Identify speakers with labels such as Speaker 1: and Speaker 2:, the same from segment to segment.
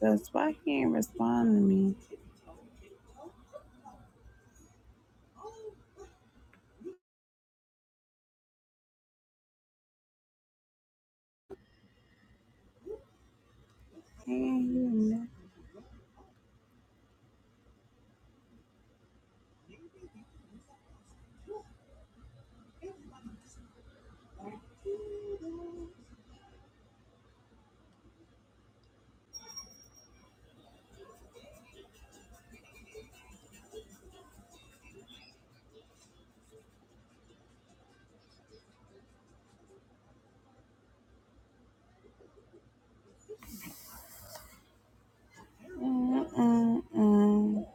Speaker 1: That's why he ain't respond to me. He ain't hear nothing. Mm-mm-mm.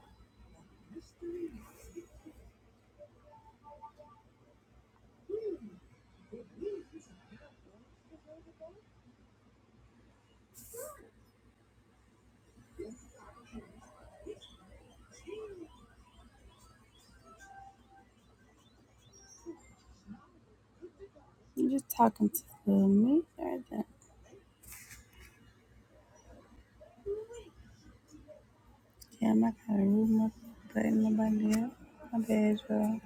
Speaker 1: You just talking to me. or Damn, I gotta remove my button nobody else. My bad, y'all.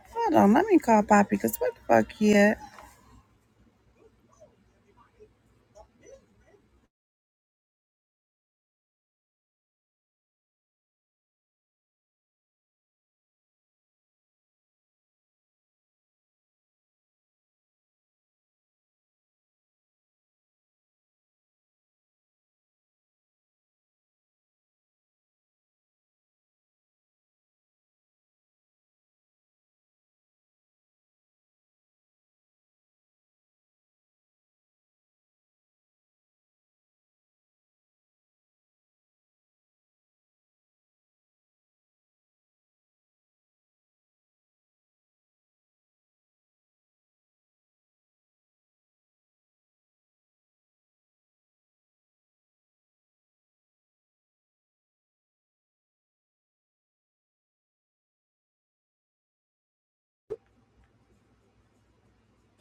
Speaker 1: Hold on, let me call Poppy, because what the fuck he at?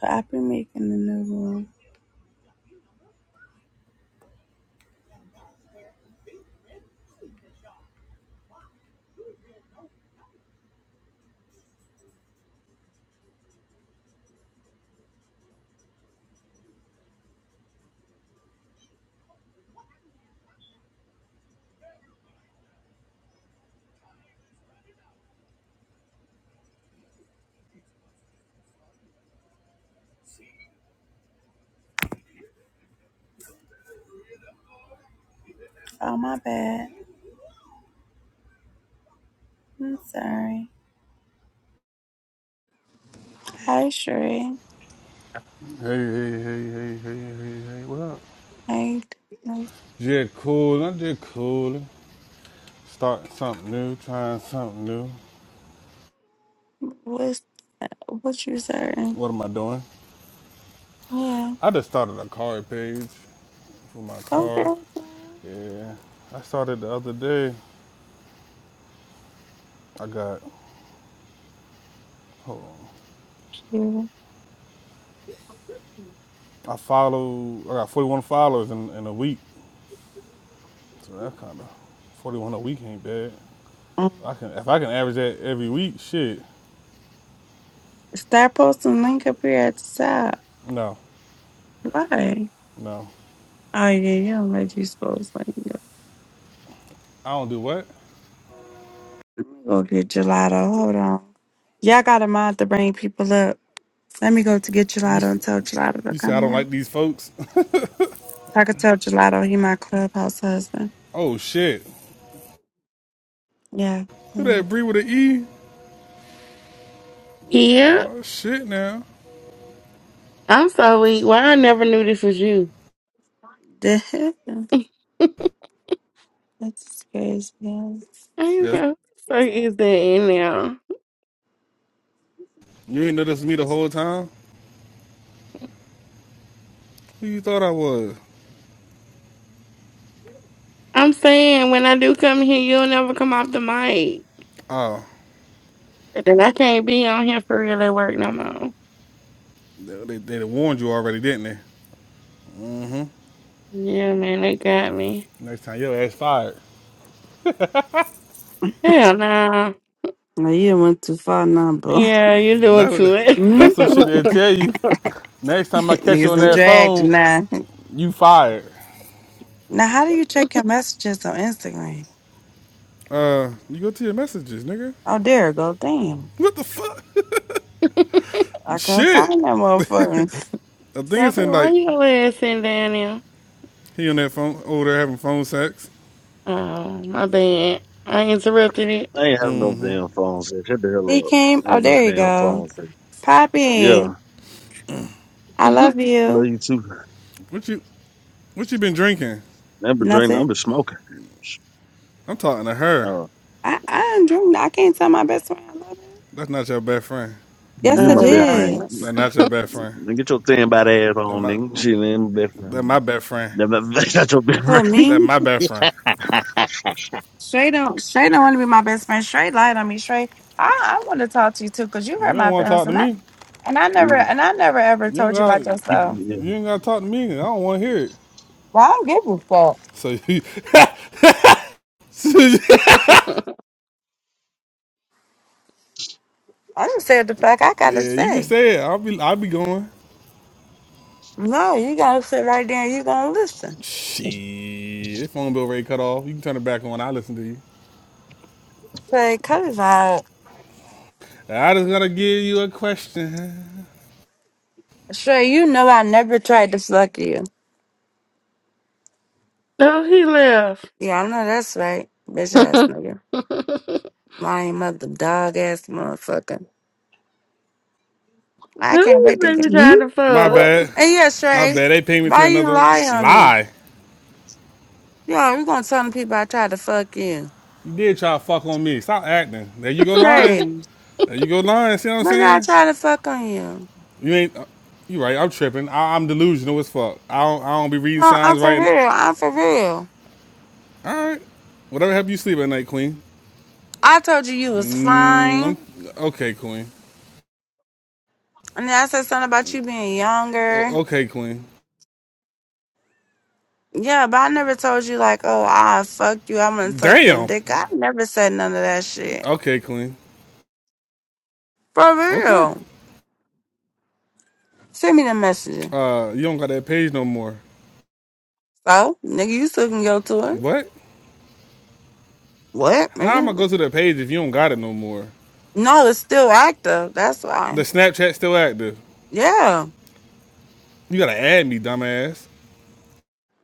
Speaker 1: Poppy making the new room. Oh, my bad. I'm sorry. Hi, Sheree.
Speaker 2: Hey, hey, hey, hey, hey, hey, hey, what up?
Speaker 1: Hey, like,
Speaker 2: Just cool, I'm just cool. Starting something new, trying something new.
Speaker 1: what's, what you saying?
Speaker 2: What am I doing?
Speaker 1: Yeah.
Speaker 2: I just started a car page for my
Speaker 1: Okay.
Speaker 2: car.
Speaker 1: Thank
Speaker 2: Yeah, I started the other day. I got, hold on,
Speaker 1: you.
Speaker 2: I follow, I got 41 followers in, in a week. So that kind of, 41 a week ain't bad.
Speaker 1: Mm.
Speaker 2: I can, if I can average that every week, shit,
Speaker 1: Stop posting link up here at the top.
Speaker 2: no,
Speaker 1: Why?
Speaker 2: no.
Speaker 1: Oh yeah, you don't let you post link. up.
Speaker 2: I don't do what?
Speaker 1: Let me go get gelato. Hold on. Y'all got a mind to bring people up. Let me go to get
Speaker 2: You,
Speaker 1: gelato
Speaker 2: s-
Speaker 1: and tell gelato to
Speaker 2: you say I
Speaker 1: come
Speaker 2: don't
Speaker 1: here.
Speaker 2: like these folks?
Speaker 1: So I could tell gelato he my clubhouse husband.
Speaker 2: Oh shit.
Speaker 1: Yeah.
Speaker 2: Who
Speaker 1: Mm.
Speaker 2: that Bree with an E?
Speaker 3: Yeah,
Speaker 2: Oh shit now.
Speaker 3: I'm so weak. Why I never knew this was you.
Speaker 1: That's crazy. Yeah.
Speaker 3: I'm
Speaker 2: Yeah,
Speaker 3: so so is that in there?
Speaker 2: You ain't know this was me the whole time? Who you thought I was?
Speaker 3: I'm saying when I do come here, you'll never come off the mic.
Speaker 2: Oh,
Speaker 3: Then I can't be on here for real at work no more.
Speaker 2: they, they, they warned you already, didn't they?
Speaker 3: Yeah, man, they got me.
Speaker 2: Next time your ass fired.
Speaker 3: Hell nah.
Speaker 1: No, you done went too far now, boo.
Speaker 3: Yeah, you doing
Speaker 2: That
Speaker 3: to
Speaker 2: would,
Speaker 3: it.
Speaker 1: hmm
Speaker 2: that's some shit they'll tell you. Next time I catch you
Speaker 1: Niggas
Speaker 2: on
Speaker 1: done
Speaker 2: that
Speaker 1: dragged you
Speaker 2: phone,
Speaker 1: now.
Speaker 2: you fired.
Speaker 1: Now, how do you check your messages on Instagram?
Speaker 2: Uh, you go to your messages, nigga.
Speaker 1: Oh, there you go. Damn.
Speaker 2: What the fuck?
Speaker 1: I couldn't
Speaker 2: Shit.
Speaker 1: find that motherfucker.
Speaker 2: I think it's
Speaker 3: Stop it.
Speaker 2: in
Speaker 3: Why
Speaker 2: like
Speaker 3: you ass sitting down there?
Speaker 2: he on that phone over there having phone sex.
Speaker 3: Oh, my bad. I interrupted it.
Speaker 4: I ain't have no damn phone set. Shut the hell
Speaker 1: He
Speaker 4: up.
Speaker 1: came.
Speaker 4: I
Speaker 1: Oh,
Speaker 4: ain't no
Speaker 1: there you
Speaker 4: damn
Speaker 1: go.
Speaker 4: phone set.
Speaker 1: Poppy,
Speaker 4: Yeah,
Speaker 1: I
Speaker 3: oh,
Speaker 1: love
Speaker 4: love
Speaker 1: you.
Speaker 4: you too.
Speaker 2: What you what you been drinking?
Speaker 4: I've been drinking. I've
Speaker 1: Nothing.
Speaker 4: been smoking.
Speaker 2: I'm talking to her.
Speaker 4: Uh,
Speaker 1: I I didn't drink. I can't tell my best friend I love her.
Speaker 2: That's not your best friend.
Speaker 1: Yes,
Speaker 4: you
Speaker 1: it
Speaker 4: my best friend.
Speaker 3: no.
Speaker 2: No,
Speaker 1: is.
Speaker 2: not your best friend.
Speaker 4: Man, Get your thin bad ass
Speaker 2: That
Speaker 4: on,
Speaker 2: my
Speaker 4: nigga. She ain't my best
Speaker 2: that my
Speaker 4: friend.
Speaker 2: best friend.
Speaker 4: That's not your best
Speaker 1: For
Speaker 4: friend.
Speaker 1: me,
Speaker 2: That my best friend.
Speaker 1: Shay don't Shay don't want to be my best friend. Shay lied on me. Shay, I I want to talk to you too because you
Speaker 2: You
Speaker 1: hurt
Speaker 2: don't
Speaker 1: my
Speaker 2: want to
Speaker 1: feelings
Speaker 2: talk to
Speaker 1: and I
Speaker 2: me.
Speaker 1: and I never and I never ever
Speaker 2: You don't
Speaker 1: told you
Speaker 2: got.
Speaker 1: about
Speaker 2: You
Speaker 1: yourself.
Speaker 4: Yeah.
Speaker 2: ain't got to talk to me. I don't want to hear it.
Speaker 1: Well, I don't give a fuck.
Speaker 2: So, you, so you-
Speaker 1: I just said the fuck I gotta
Speaker 2: yeah, you can
Speaker 1: say.
Speaker 2: say it. I'll be I'll be going.
Speaker 1: No, you gotta sit right there and you gonna listen.
Speaker 2: Shit, this phone bill rate cut off. You can turn it back on. I listen to you.
Speaker 1: Say, cause I
Speaker 2: I just gotta give you a question.
Speaker 1: Sure, you know I never tried to fuck you.
Speaker 3: no, he left.
Speaker 1: Yeah, I know that's right. Bitch ass nigga. Lying mother dog ass motherfucker. I can't
Speaker 3: Who's
Speaker 1: wait to get
Speaker 3: baby
Speaker 1: And
Speaker 3: trying to
Speaker 5: You
Speaker 2: My
Speaker 5: what?
Speaker 3: fuck?
Speaker 2: bad.
Speaker 1: yeah,
Speaker 2: My
Speaker 1: Shrey,
Speaker 2: bad. They pay me to
Speaker 1: why you
Speaker 2: another
Speaker 1: lie on me?
Speaker 2: lie.
Speaker 1: Yo, you gonna tell the people I tried to fuck you.
Speaker 2: You did try to fuck on me. Stop acting. There you go lying.
Speaker 1: Shrey,
Speaker 2: There you go lying. See what I'm
Speaker 1: when did I
Speaker 2: saying?
Speaker 1: try to fuck on you?
Speaker 2: You ain't. You right. I'm tripping. I, I'm delusional as fuck. I don't. I don't be reading
Speaker 1: No, I'm
Speaker 2: signs right.
Speaker 1: for real. I'm for real.
Speaker 2: all right. Whatever help you sleep at night, Queen.
Speaker 1: I told you you was
Speaker 2: Mm, I'm,
Speaker 1: fine.
Speaker 2: okay, Queen.
Speaker 1: And then I said something about you being younger.
Speaker 2: O- okay, Queen.
Speaker 1: Yeah, but I never told you like, oh, I fuck you. I'm gonna suck your
Speaker 2: Damn.
Speaker 1: dick. I never said none of that shit.
Speaker 2: Okay, Queen.
Speaker 1: For
Speaker 2: Okay.
Speaker 1: real. Send me the message.
Speaker 2: Uh, you don't got that page no more.
Speaker 1: So, nigga, you still can go to it.
Speaker 2: What?
Speaker 1: What,
Speaker 2: How am I
Speaker 1: nigga?
Speaker 2: go to that page if you don't got it no more?
Speaker 1: No, it's still active. That's
Speaker 2: The
Speaker 1: why.
Speaker 2: Snapchat still active.
Speaker 1: Yeah.
Speaker 2: You gotta add me, dumbass.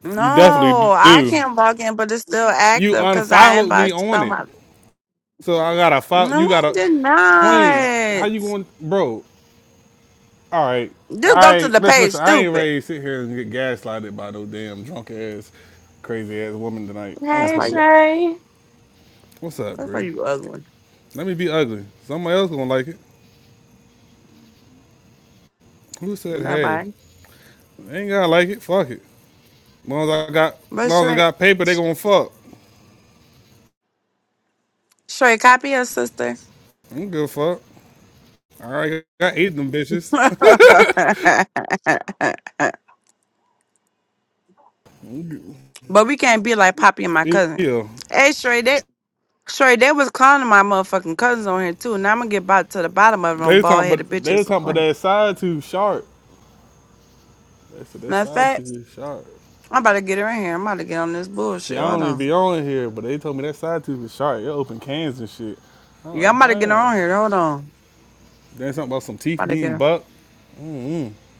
Speaker 1: No,
Speaker 2: You definitely
Speaker 1: I
Speaker 2: do.
Speaker 1: can't log in, but it's still
Speaker 2: You
Speaker 1: active because I
Speaker 2: unfollowed me
Speaker 1: inboxed
Speaker 2: on it,
Speaker 1: somebody.
Speaker 2: so I gotta follow.
Speaker 1: No,
Speaker 2: You
Speaker 1: I
Speaker 2: gotta,
Speaker 1: did
Speaker 2: Queen. How
Speaker 1: not.
Speaker 2: you going, bro? All right.
Speaker 1: Just
Speaker 2: I
Speaker 1: go to the
Speaker 2: listen,
Speaker 1: page,
Speaker 2: listen. I ain't
Speaker 1: stupid.
Speaker 2: ready to sit here and get gaslighted by no damn drunk ass, crazy ass woman tonight. I'm
Speaker 1: That's
Speaker 3: Hey,
Speaker 1: why you.
Speaker 2: cool.
Speaker 3: Shay.
Speaker 2: What's up,
Speaker 1: That's why
Speaker 2: Bree?
Speaker 1: you ugly.
Speaker 2: Let me be ugly. Somebody else gonna like it. Who said hey?
Speaker 1: Nobody.
Speaker 2: Ain't gotta like it. Fuck it. As long as I got, as
Speaker 1: But
Speaker 2: long as I
Speaker 1: straight,
Speaker 2: got paper, they gonna fuck.
Speaker 1: straight copy your sister.
Speaker 2: I'm good. Fuck. All right. I eat them bitches.
Speaker 1: but we can't be like Poppy and my cousin.
Speaker 2: yeah.
Speaker 1: Hey, Shrey, they Sure, they was calling my motherfucking cousins on here too. Now I'm gonna get about to the bottom of them
Speaker 2: They was
Speaker 1: bald
Speaker 2: talking,
Speaker 1: headed
Speaker 2: but they was
Speaker 1: bitches. are
Speaker 2: talking about
Speaker 1: funny.
Speaker 2: that side too sharp. They said that
Speaker 1: Matter of
Speaker 2: side
Speaker 1: fact,
Speaker 2: too is sharp.
Speaker 1: I'm about to get her in here. I'm about to get on this bullshit.
Speaker 2: See, I
Speaker 1: Hold
Speaker 2: don't even
Speaker 1: on.
Speaker 2: be on here, but they told me that side tooth was sharp. It open cans and shit. I'm
Speaker 1: Yeah, I'm
Speaker 2: like,
Speaker 1: about to get her
Speaker 2: damn.
Speaker 1: on here. Hold on. I'm
Speaker 2: There's something about some teeth
Speaker 1: about to get
Speaker 2: being
Speaker 1: her.
Speaker 2: bucked.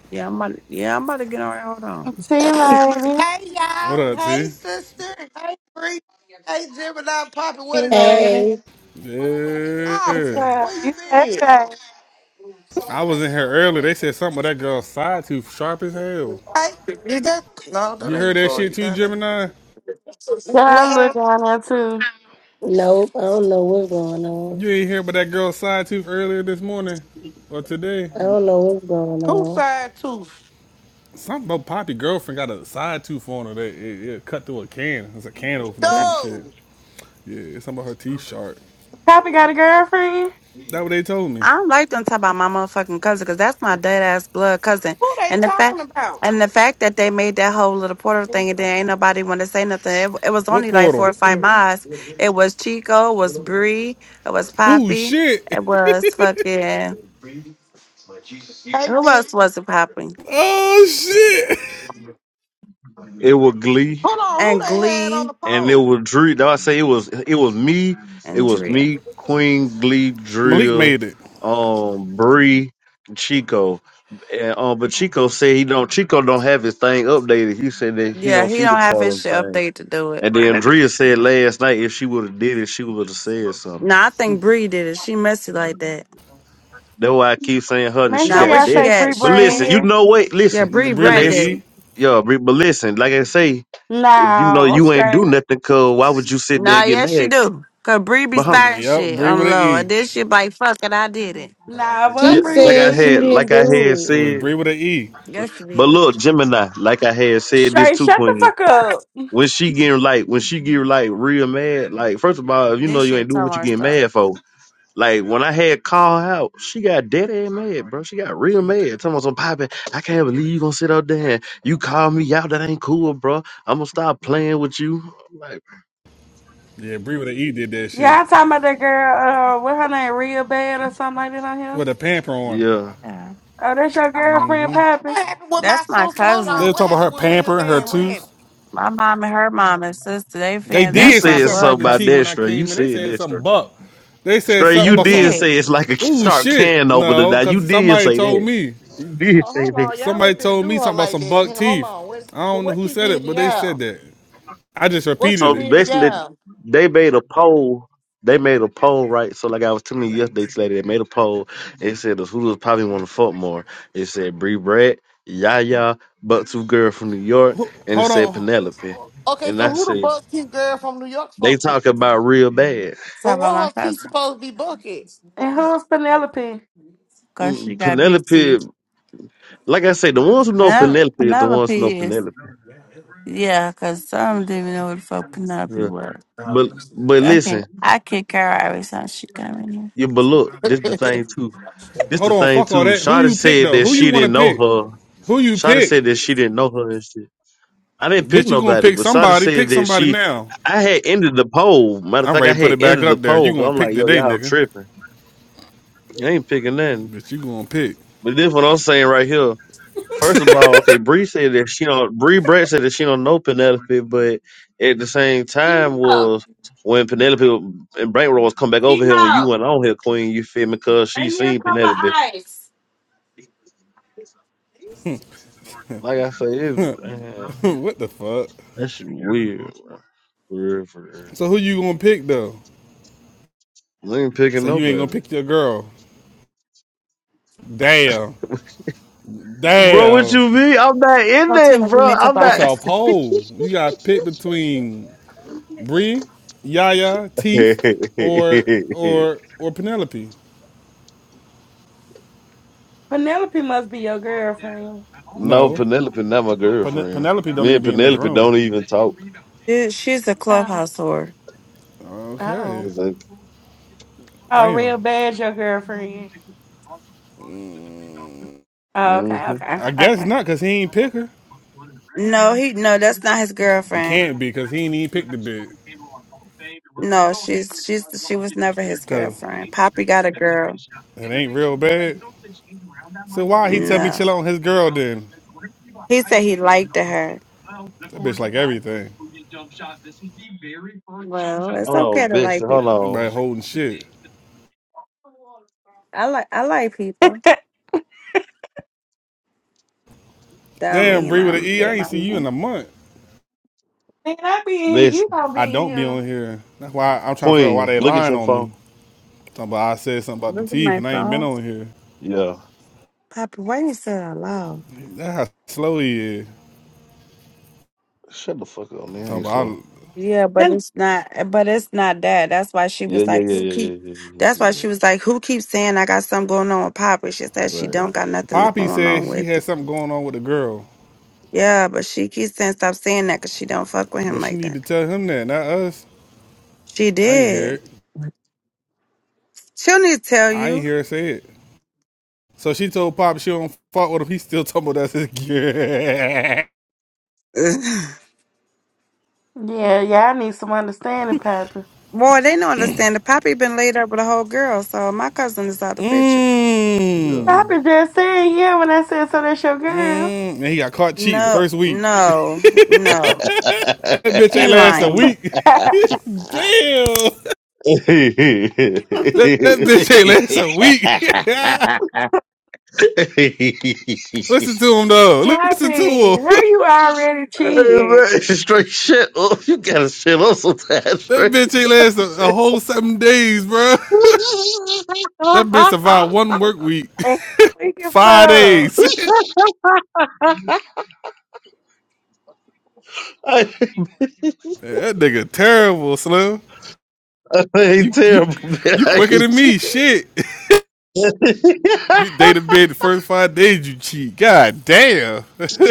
Speaker 1: Yeah, I'm about to, yeah, I'm about to get her on here. Hold
Speaker 3: team
Speaker 6: Hey
Speaker 3: lady.
Speaker 2: What
Speaker 6: y'all,
Speaker 2: up,
Speaker 6: hey
Speaker 2: T?
Speaker 6: sister, hey Bree, hey Gemini, Poppy, what
Speaker 7: You
Speaker 6: it do?
Speaker 7: heard?
Speaker 5: Hey,
Speaker 3: What's
Speaker 6: Austin,
Speaker 2: Yeah.
Speaker 6: What
Speaker 3: up? You
Speaker 6: you
Speaker 3: said
Speaker 6: mean?
Speaker 3: right.
Speaker 2: I was in here earlier. They said something about that girl's side tooth sharp as hell.
Speaker 6: Hey, is that? No, that
Speaker 2: You
Speaker 6: ain't
Speaker 2: heard that
Speaker 6: Toy
Speaker 2: shit too,
Speaker 6: down there.
Speaker 2: Gemini?
Speaker 3: Girl, I look
Speaker 6: Well,
Speaker 3: down there too.
Speaker 5: nope. I don't know what's going on.
Speaker 2: You ain't hear about that girl's side tooth earlier this morning or today?
Speaker 5: I don't know what's going
Speaker 6: who
Speaker 5: on.
Speaker 6: side tooth?
Speaker 2: Something about Poppy girlfriend got a side tooth on her that it, it cut through a can. It's a can opener or
Speaker 1: on.
Speaker 2: some shit.
Speaker 6: No,
Speaker 2: Yeah, it's something about her teeth sharp.
Speaker 3: Copy got a girlfriend?
Speaker 2: That what they told me.
Speaker 1: I don't like them talking about my motherfucking cousin because that's my dead ass blood cousin.
Speaker 6: who they
Speaker 1: And the fact
Speaker 6: talking about?
Speaker 1: and the fact that they made that whole little Porter thing and then ain't nobody want to say nothing. It, it was
Speaker 2: What
Speaker 1: only like four
Speaker 2: portal?
Speaker 1: or five miles. It was Chico, it was Bree, it was
Speaker 2: Oh
Speaker 1: Poppy,
Speaker 2: shit!
Speaker 1: it was fucking
Speaker 6: Hey,
Speaker 1: who
Speaker 6: Vic.
Speaker 1: else was it Poppy?
Speaker 2: Oh shit!
Speaker 4: It was Glee.
Speaker 6: Hold on, who
Speaker 1: And
Speaker 6: they had on
Speaker 1: Glee
Speaker 6: the
Speaker 4: and it
Speaker 6: pole?
Speaker 4: was Drew. Did I say it was? It was me. It
Speaker 1: and
Speaker 4: was
Speaker 1: Drea.
Speaker 4: me, Queen Glee,
Speaker 2: Malik
Speaker 4: Drill,
Speaker 2: made it.
Speaker 4: um, Bree, Chico. And, um, but Chico said he don't. Chico don't have his thing updated. He said that he
Speaker 1: Yeah,
Speaker 4: don't
Speaker 1: he
Speaker 4: see the
Speaker 1: don't have his
Speaker 4: Parlin
Speaker 1: shit
Speaker 4: thing.
Speaker 1: update to do it.
Speaker 4: And then Drea said last night if she would have did it, she would have said something.
Speaker 1: No, I think Bree did it. She messy like that.
Speaker 4: That's why I keep saying her that
Speaker 3: Make
Speaker 4: she
Speaker 1: Now
Speaker 3: sure
Speaker 1: where
Speaker 4: got
Speaker 3: y'all
Speaker 4: dead.
Speaker 1: she
Speaker 3: say
Speaker 1: at?
Speaker 3: Bree
Speaker 4: But
Speaker 1: She in
Speaker 3: Brad.
Speaker 4: listen, you
Speaker 1: here?
Speaker 4: know what?
Speaker 1: Yeah,
Speaker 4: Listen,
Speaker 1: Bree
Speaker 2: Bree
Speaker 4: like
Speaker 2: with
Speaker 1: Brad
Speaker 4: they,
Speaker 2: an
Speaker 1: did
Speaker 4: s-
Speaker 1: it.
Speaker 2: E.
Speaker 4: yeah. But but listen, like I say, if you know
Speaker 3: No,
Speaker 4: you ain't
Speaker 3: Shay.
Speaker 4: do nothing, cause why would you sit there
Speaker 1: Nah,
Speaker 4: and get
Speaker 1: yes she
Speaker 4: mad?
Speaker 1: do. Cause Bree be starting
Speaker 2: Yup,
Speaker 1: shit
Speaker 2: Bree
Speaker 1: on the
Speaker 2: with an
Speaker 1: low. I
Speaker 2: E.
Speaker 1: did shit like fuck and I did it.
Speaker 3: Nah, it
Speaker 4: Yeah,
Speaker 3: wasn't
Speaker 5: She
Speaker 3: Bree
Speaker 4: like
Speaker 3: with the
Speaker 4: I
Speaker 5: said she
Speaker 4: had,
Speaker 3: E.
Speaker 5: didn't
Speaker 4: like I
Speaker 5: do
Speaker 4: had
Speaker 5: it.
Speaker 2: It was
Speaker 4: said.
Speaker 2: Bree with an E.
Speaker 1: Yes she
Speaker 4: But
Speaker 1: did.
Speaker 4: look, Gemini, like I had said this
Speaker 3: Shay,
Speaker 4: too,
Speaker 3: shut the
Speaker 4: Queen.
Speaker 3: fuck up.
Speaker 4: When she getting like, when she get like real mad, like first of all, if you know
Speaker 1: This
Speaker 4: you ain't
Speaker 1: shit
Speaker 4: doing
Speaker 1: tell
Speaker 4: what you
Speaker 1: her
Speaker 4: getting
Speaker 1: stuff.
Speaker 4: mad for. Like when I had call out, she got dead ass mad, bro. She got real mad. Talking about some popping. I can't believe you gonna sit out there and you call me out. That ain't cool, bro. I'm gonna stop playing with you. Like,
Speaker 2: Yeah, Bree with an E did that shit
Speaker 3: Y'all talking about that girl, uh, what her name, Real Bad or something like that on here?
Speaker 2: with a pamper on.
Speaker 4: yeah.
Speaker 1: Yeah.
Speaker 3: Oh, that's your girlfriend, Poppy?
Speaker 6: What happened with my
Speaker 1: That's my
Speaker 6: sister? Hold
Speaker 2: They
Speaker 6: on,
Speaker 1: cousin.
Speaker 2: were
Speaker 6: what
Speaker 2: talking about
Speaker 6: happened
Speaker 2: her
Speaker 6: with Real
Speaker 2: pamper and her
Speaker 6: Bad? What
Speaker 3: Oh.
Speaker 2: tooth.
Speaker 6: happened?
Speaker 1: My mom and her mom and sister, they
Speaker 2: They
Speaker 1: fans,
Speaker 4: You
Speaker 1: that's
Speaker 2: did say
Speaker 1: my
Speaker 4: said
Speaker 2: something
Speaker 1: blood
Speaker 2: about
Speaker 4: something
Speaker 2: the
Speaker 4: about
Speaker 2: teeth
Speaker 1: cousin.
Speaker 4: that
Speaker 2: when I
Speaker 4: straight. You
Speaker 2: came in. They
Speaker 4: said
Speaker 2: said
Speaker 4: that
Speaker 2: something
Speaker 4: straight.
Speaker 2: buck. They said
Speaker 4: Stray,
Speaker 2: something
Speaker 4: you
Speaker 1: They
Speaker 2: about
Speaker 4: did
Speaker 2: some.
Speaker 1: did
Speaker 4: say it's like a
Speaker 2: Ooh
Speaker 4: start
Speaker 2: shit!
Speaker 4: can opener.
Speaker 2: No,
Speaker 4: Now you
Speaker 2: because
Speaker 4: did
Speaker 2: somebody
Speaker 4: say
Speaker 2: told
Speaker 4: that.
Speaker 2: me.
Speaker 4: You did
Speaker 6: Oh,
Speaker 4: say
Speaker 6: hold
Speaker 4: that.
Speaker 6: on, y'all
Speaker 2: Somebody
Speaker 6: ain't finna
Speaker 2: told
Speaker 6: do
Speaker 2: me
Speaker 6: her
Speaker 2: something about
Speaker 6: like
Speaker 2: some
Speaker 6: that in
Speaker 2: buck
Speaker 6: here. Hold
Speaker 2: teeth.
Speaker 6: on, what,
Speaker 2: I don't know
Speaker 6: what
Speaker 2: who
Speaker 6: she
Speaker 2: said
Speaker 6: did
Speaker 2: it,
Speaker 6: to
Speaker 2: but they said
Speaker 6: y'all?
Speaker 2: that. I just
Speaker 6: What she
Speaker 2: repeated
Speaker 4: So
Speaker 2: it.
Speaker 6: did to
Speaker 4: basically,
Speaker 6: y'all?
Speaker 4: they made a poll. They made a poll, right? So like I was telling you yesterday, today they made a poll. It said who does probably want to fuck more. It said Bree Brett, Yaya, but two girl from New York, and it
Speaker 2: Hold
Speaker 4: said
Speaker 2: on,
Speaker 4: Penelope.
Speaker 6: Okay,
Speaker 4: And
Speaker 6: so
Speaker 4: I
Speaker 6: who the
Speaker 4: said
Speaker 6: buck girl from New York
Speaker 4: they
Speaker 6: supposed to be?
Speaker 4: talk about real bad.
Speaker 1: Talk
Speaker 6: But
Speaker 1: about
Speaker 6: what
Speaker 1: my
Speaker 6: her teeth
Speaker 1: cousin.
Speaker 6: supposed to be bucket?
Speaker 3: And who's Penelope?
Speaker 1: Cause she
Speaker 4: Mm,
Speaker 1: got big
Speaker 4: Penelope,
Speaker 1: teeth.
Speaker 4: like I say, the ones who know
Speaker 1: Penel-
Speaker 4: Penelope is the ones who know
Speaker 1: Penelope is
Speaker 4: Penelope.
Speaker 1: yeah, cause some didn't even know what the fuck Penelope
Speaker 4: Yeah.
Speaker 1: was.
Speaker 4: But but
Speaker 1: I
Speaker 4: listen.
Speaker 1: can't I kick her out every time she come in here.
Speaker 4: Yeah, but look, this the thing too. This
Speaker 2: Hold
Speaker 4: the
Speaker 2: on,
Speaker 4: thing
Speaker 2: fuck all
Speaker 4: too.
Speaker 2: that. Who
Speaker 4: Shada
Speaker 2: you pick
Speaker 4: said
Speaker 2: though?
Speaker 4: that
Speaker 2: Who you
Speaker 4: she
Speaker 2: want to
Speaker 4: didn't know
Speaker 2: pick?
Speaker 4: her.
Speaker 2: Who you
Speaker 4: Shada
Speaker 2: pick?
Speaker 4: said that she didn't know her and shit. I didn't pick
Speaker 2: Bitch, you gonna
Speaker 4: nobody,
Speaker 2: pick
Speaker 4: but Shada
Speaker 2: somebody?
Speaker 4: said
Speaker 2: Pick
Speaker 4: that
Speaker 2: somebody
Speaker 4: she.
Speaker 2: now.
Speaker 4: I had ended the poll. Matter of
Speaker 2: I'm
Speaker 4: fact, I
Speaker 2: ready to put
Speaker 4: had
Speaker 2: it back
Speaker 4: ended the
Speaker 2: up there. You
Speaker 4: poll. i
Speaker 2: gonna
Speaker 4: am like,
Speaker 2: pick
Speaker 4: yo,
Speaker 2: today,
Speaker 4: y'all
Speaker 2: nigga?
Speaker 4: tripping. I ain't picking nothing.
Speaker 2: Bitch, you gonna pick?
Speaker 4: But this what I'm saying right here. First of all, okay, Bree said that she don't. Bree Brett said that she don't know Penelope, but at the same time
Speaker 1: Female,
Speaker 4: was when Penelope and Brankroll was come back over here when you
Speaker 1: female,
Speaker 4: went on here, Queen. You feel me? Cause she
Speaker 1: bring me a
Speaker 4: seen
Speaker 1: cup of
Speaker 4: Penelope.
Speaker 1: ice.
Speaker 4: Like I say, it's man,
Speaker 2: what the fuck?
Speaker 4: that shit weird, bro. For real, for real.
Speaker 2: So who you gonna pick though?
Speaker 4: You ain't picking
Speaker 2: So
Speaker 4: no
Speaker 2: you ain't gonna
Speaker 4: better.
Speaker 2: pick your girl? Damn,
Speaker 4: Bro, what
Speaker 2: damn.
Speaker 4: you mean? I'm not in
Speaker 1: Oh,
Speaker 4: that,
Speaker 1: Tina, you
Speaker 4: bro.
Speaker 1: make up
Speaker 4: I'm not.
Speaker 2: That's our
Speaker 1: eyes.
Speaker 2: poll. You gotta pick between Bree, Yaya, Teeth, or or or Penelope.
Speaker 3: Penelope must be your girlfriend.
Speaker 4: no,
Speaker 2: No,
Speaker 4: Penelope, not my
Speaker 2: Pen-
Speaker 4: girlfriend.
Speaker 2: Penelope don't
Speaker 4: Me
Speaker 2: even
Speaker 4: and
Speaker 2: be in this
Speaker 4: Penelope
Speaker 2: room.
Speaker 4: don't even talk.
Speaker 1: She, she's a
Speaker 3: Oh.
Speaker 1: clubhouse whore.
Speaker 3: Oh.
Speaker 2: Okay,
Speaker 4: It's like,
Speaker 3: Oh,
Speaker 2: damn.
Speaker 3: real bad, your girlfriend. Oh,
Speaker 4: hmm
Speaker 3: okay, okay,
Speaker 2: I guess
Speaker 3: okay.
Speaker 2: not, cause he ain't pick her.
Speaker 1: No, he no, that's not his
Speaker 2: It
Speaker 1: girlfriend.
Speaker 2: can't be, cause he ain't even pick the bitch.
Speaker 1: No, she's she's she was never his
Speaker 2: Cause
Speaker 1: girlfriend. Poppy got a girl.
Speaker 2: it ain't real bad. So why he tell me
Speaker 1: No,
Speaker 2: chill on his girl then?
Speaker 1: he said he liked her.
Speaker 2: That bitch like everything.
Speaker 1: Well,
Speaker 4: Hold
Speaker 1: it's okay
Speaker 4: on,
Speaker 1: to
Speaker 4: bitch.
Speaker 1: like people.
Speaker 4: Hold on.
Speaker 2: Everybody holding shit.
Speaker 1: I like I like people. That don't
Speaker 2: Damn,
Speaker 1: mean
Speaker 2: Bree
Speaker 1: my
Speaker 2: with an E.
Speaker 1: they
Speaker 2: I ain't
Speaker 1: my
Speaker 2: see you in
Speaker 1: man.
Speaker 2: a month.
Speaker 3: Man, I be in
Speaker 4: bitch.
Speaker 3: here. You gonna be
Speaker 2: I
Speaker 3: in
Speaker 2: don't be
Speaker 3: here.
Speaker 2: on here. That's why I'm trying to figure out why
Speaker 4: Queen,
Speaker 2: they
Speaker 4: look at
Speaker 2: lying
Speaker 4: your
Speaker 2: on me.
Speaker 4: phone.
Speaker 2: Talking about I said something about the
Speaker 1: Look at
Speaker 2: teeth
Speaker 1: my
Speaker 2: and I ain't been
Speaker 1: phone,
Speaker 2: on here.
Speaker 4: Yeah.
Speaker 1: Poppy. Why you say that loud?
Speaker 2: That's how slow he is.
Speaker 4: Shut the fuck up, man. I
Speaker 2: Talking
Speaker 4: ain't
Speaker 2: about
Speaker 4: slow.
Speaker 2: I,
Speaker 1: Yeah, but
Speaker 3: Then,
Speaker 1: it's not. But it's not that. That's why she was
Speaker 4: Yeah, yeah,
Speaker 1: like,
Speaker 4: yeah,
Speaker 1: "Who
Speaker 4: yeah,
Speaker 1: keep?"
Speaker 4: yeah, yeah, yeah,
Speaker 1: That's
Speaker 4: yeah.
Speaker 1: why
Speaker 4: yeah.
Speaker 1: she was like, "Who keeps saying I got something going on with Papa?" She said she
Speaker 4: Right.
Speaker 1: don't got nothing
Speaker 2: Poppy
Speaker 1: going
Speaker 2: said
Speaker 1: on
Speaker 2: she
Speaker 1: with
Speaker 2: had
Speaker 1: it.
Speaker 2: something going on with a girl.
Speaker 1: Yeah, but she keeps saying stop saying that because she don't fuck with him
Speaker 2: Well, she
Speaker 1: like
Speaker 2: need
Speaker 1: that.
Speaker 2: to tell him that, not us.
Speaker 1: She
Speaker 2: I ain't hear
Speaker 1: did.
Speaker 2: it.
Speaker 1: She'll need to tell
Speaker 2: I
Speaker 1: you.
Speaker 2: ain't hear her say it. So she told Pop she don't fuck with him. He still talking about that's his girl.
Speaker 3: yeah, yeah, I need some understanding, Pappy.
Speaker 1: Boy, they don't understand. The Poppy been laid up with a whole girl, so my cousin is out the picture.
Speaker 4: Yeah.
Speaker 2: Mmm.
Speaker 3: Pappy just saying, yeah, when I said, so that's your girl.
Speaker 2: Mmm. And he got caught cheating
Speaker 1: No,
Speaker 2: first week.
Speaker 1: no, no.
Speaker 2: That bitch
Speaker 1: She
Speaker 2: ain't last a
Speaker 1: lying.
Speaker 2: week. Damn. That, that bitch ain't last a week. Listen to him though. Listen to
Speaker 3: Pappy, how
Speaker 2: him.
Speaker 3: you already
Speaker 4: Hey, man,
Speaker 3: cheating?
Speaker 4: it's straight shit Oh, You gotta shit up sometimes,
Speaker 2: That
Speaker 4: straight
Speaker 2: bitch ain't last a, a
Speaker 4: shit.
Speaker 2: whole seven days, bro. That bitch survived one work week.
Speaker 3: And he weak as
Speaker 2: Five days.
Speaker 3: fuck.
Speaker 4: I,
Speaker 2: that nigga terrible, Slim.
Speaker 4: I
Speaker 2: You
Speaker 4: ain't
Speaker 2: you
Speaker 4: terrible, man.
Speaker 2: you
Speaker 4: I
Speaker 2: quicker than
Speaker 4: ain't
Speaker 2: me. Shit.
Speaker 4: shit.
Speaker 2: You date a bed the first five days you cheat. God damn.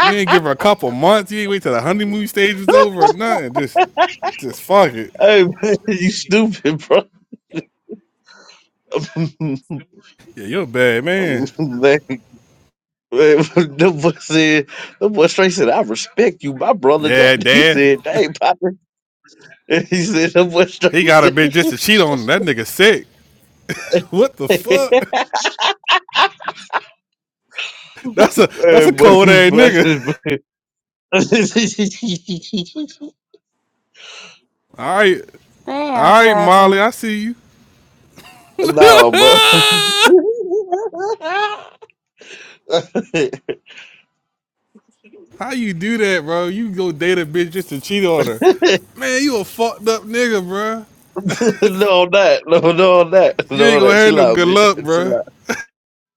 Speaker 2: you ain't give her a couple months. You ain't wait till the honeymoon stage was over or nothing. Just just fuck it.
Speaker 4: hey, man, you stupid, bro. man, man,
Speaker 2: Yeah, you're a bad man.
Speaker 4: the boy said, the boy straight said, I respect you, my brother.
Speaker 2: Yeah,
Speaker 4: That he
Speaker 2: dad.
Speaker 4: said, dang, partner. He said, the boy
Speaker 2: He
Speaker 4: straight
Speaker 2: got a
Speaker 4: said,
Speaker 2: bitch just to cheat on him. That nigga sick. What the fuck? That's a that's a
Speaker 4: man, boy,
Speaker 2: cold
Speaker 4: you
Speaker 2: ass nigga.
Speaker 4: funny, bro.
Speaker 2: Alright.
Speaker 3: Damn,
Speaker 2: Alright, Molly,
Speaker 3: Pappy.
Speaker 2: I see you.
Speaker 4: no, bro. no,
Speaker 2: How you do that, bro? You go date a bitch just to cheat on her. Man, you a fucked up nigga, bro.
Speaker 4: I'm not. No, no, I'm not.
Speaker 2: You
Speaker 4: No,
Speaker 2: ain't
Speaker 4: I'm
Speaker 2: gonna
Speaker 4: not.
Speaker 2: have
Speaker 4: Chill
Speaker 2: no
Speaker 4: out,
Speaker 2: good
Speaker 4: bitch.
Speaker 2: luck,
Speaker 4: Chill
Speaker 2: bro.
Speaker 4: out.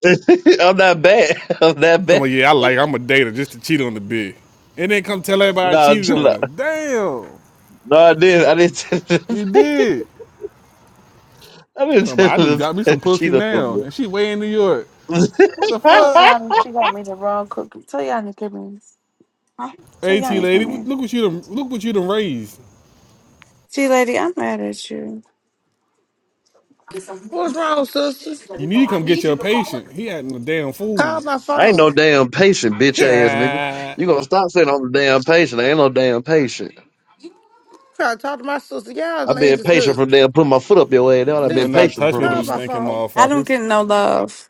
Speaker 4: I'm not bad. I'm not
Speaker 2: Tell
Speaker 4: bad.
Speaker 2: me, yeah, I like. I'm a dater just to cheat on the bitch, and then come tell everybody I
Speaker 4: No,
Speaker 2: cheated
Speaker 4: chill
Speaker 2: on
Speaker 4: out.
Speaker 2: her. Damn,
Speaker 4: No, I did. not I didn't.
Speaker 2: you
Speaker 4: Tell
Speaker 2: did.
Speaker 4: I didn't
Speaker 2: Tell me,
Speaker 4: tell
Speaker 2: I just
Speaker 4: the
Speaker 2: got me some
Speaker 4: fact she
Speaker 2: pussy
Speaker 4: done
Speaker 2: now,
Speaker 4: something.
Speaker 2: and she way in New York. What the
Speaker 1: Tell
Speaker 2: fuck?
Speaker 1: y'all she got me the wrong cookie. Tell y'all to give me. Huh? So
Speaker 2: At
Speaker 1: y'all need to
Speaker 2: lady,
Speaker 1: come here.
Speaker 2: look what you done, look what you done raised.
Speaker 1: See, lady, I'm mad at you.
Speaker 6: What's wrong, sister?
Speaker 2: You need to come get your patient. He acting a damn
Speaker 6: Call
Speaker 2: fool.
Speaker 6: my
Speaker 4: I ain't
Speaker 6: phone.
Speaker 4: no damn patient, bitch
Speaker 2: you
Speaker 4: ass nigga.
Speaker 2: better
Speaker 4: You gonna stop saying I'm a damn patient? I ain't no damn patient.
Speaker 6: Try to talk to my sister. Y'all
Speaker 4: i been
Speaker 6: ladies
Speaker 4: patient from
Speaker 6: hush.
Speaker 4: damn putting my foot up your ass. That's what i been
Speaker 6: Sister,
Speaker 2: not
Speaker 4: patient
Speaker 2: touch
Speaker 4: from.
Speaker 2: me,
Speaker 6: call
Speaker 2: them
Speaker 6: my
Speaker 4: nigga.
Speaker 2: stinking
Speaker 6: phone.
Speaker 1: I don't
Speaker 2: motherfuckers.
Speaker 1: get no love.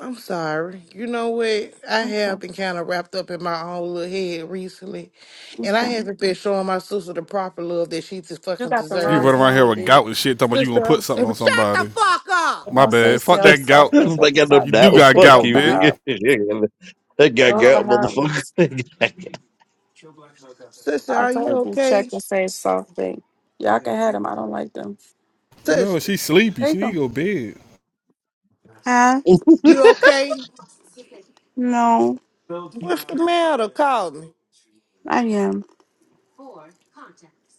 Speaker 6: I'm sorry. You know what? I have
Speaker 1: Okay.
Speaker 6: been kind of wrapped up in my own little head recently. And I
Speaker 1: okay.
Speaker 6: haven't been showing my sister the proper love that she just
Speaker 1: You
Speaker 6: fucking
Speaker 1: got the
Speaker 2: You
Speaker 1: wrong
Speaker 2: run
Speaker 6: deserves.
Speaker 2: around here
Speaker 1: one,
Speaker 2: with
Speaker 1: then.
Speaker 2: gout and shit, talking about you gonna
Speaker 6: Sister, I'm
Speaker 2: put
Speaker 6: shut
Speaker 2: something on
Speaker 6: the
Speaker 2: somebody.
Speaker 6: fuck up.
Speaker 1: But
Speaker 2: My
Speaker 1: don't say
Speaker 2: bad. Fuck
Speaker 1: self
Speaker 2: that
Speaker 1: soft
Speaker 2: gout.
Speaker 1: wake
Speaker 4: It's
Speaker 1: up
Speaker 4: like
Speaker 1: the
Speaker 4: I got no
Speaker 1: top.
Speaker 2: You
Speaker 1: You
Speaker 4: doubt.
Speaker 2: do
Speaker 1: just
Speaker 2: got
Speaker 1: picked
Speaker 4: Fuck
Speaker 1: up
Speaker 2: gout,
Speaker 4: you,
Speaker 1: the
Speaker 2: bitch.
Speaker 4: nigga.
Speaker 1: hard
Speaker 4: that guy
Speaker 1: those the
Speaker 4: got
Speaker 6: Oh.
Speaker 1: hard ones.
Speaker 4: motherfucker.
Speaker 6: Sister,
Speaker 1: I
Speaker 6: are you
Speaker 1: told you check
Speaker 6: okay?
Speaker 1: and say soft thing. Y'all can have them. I don't like them.
Speaker 2: No,
Speaker 6: Sister,
Speaker 2: she sleepy. She
Speaker 1: Take
Speaker 2: need
Speaker 1: them.
Speaker 2: to go to bed.
Speaker 1: Huh?
Speaker 6: you okay?
Speaker 1: No,
Speaker 6: What's the matter? Call me.
Speaker 1: I am.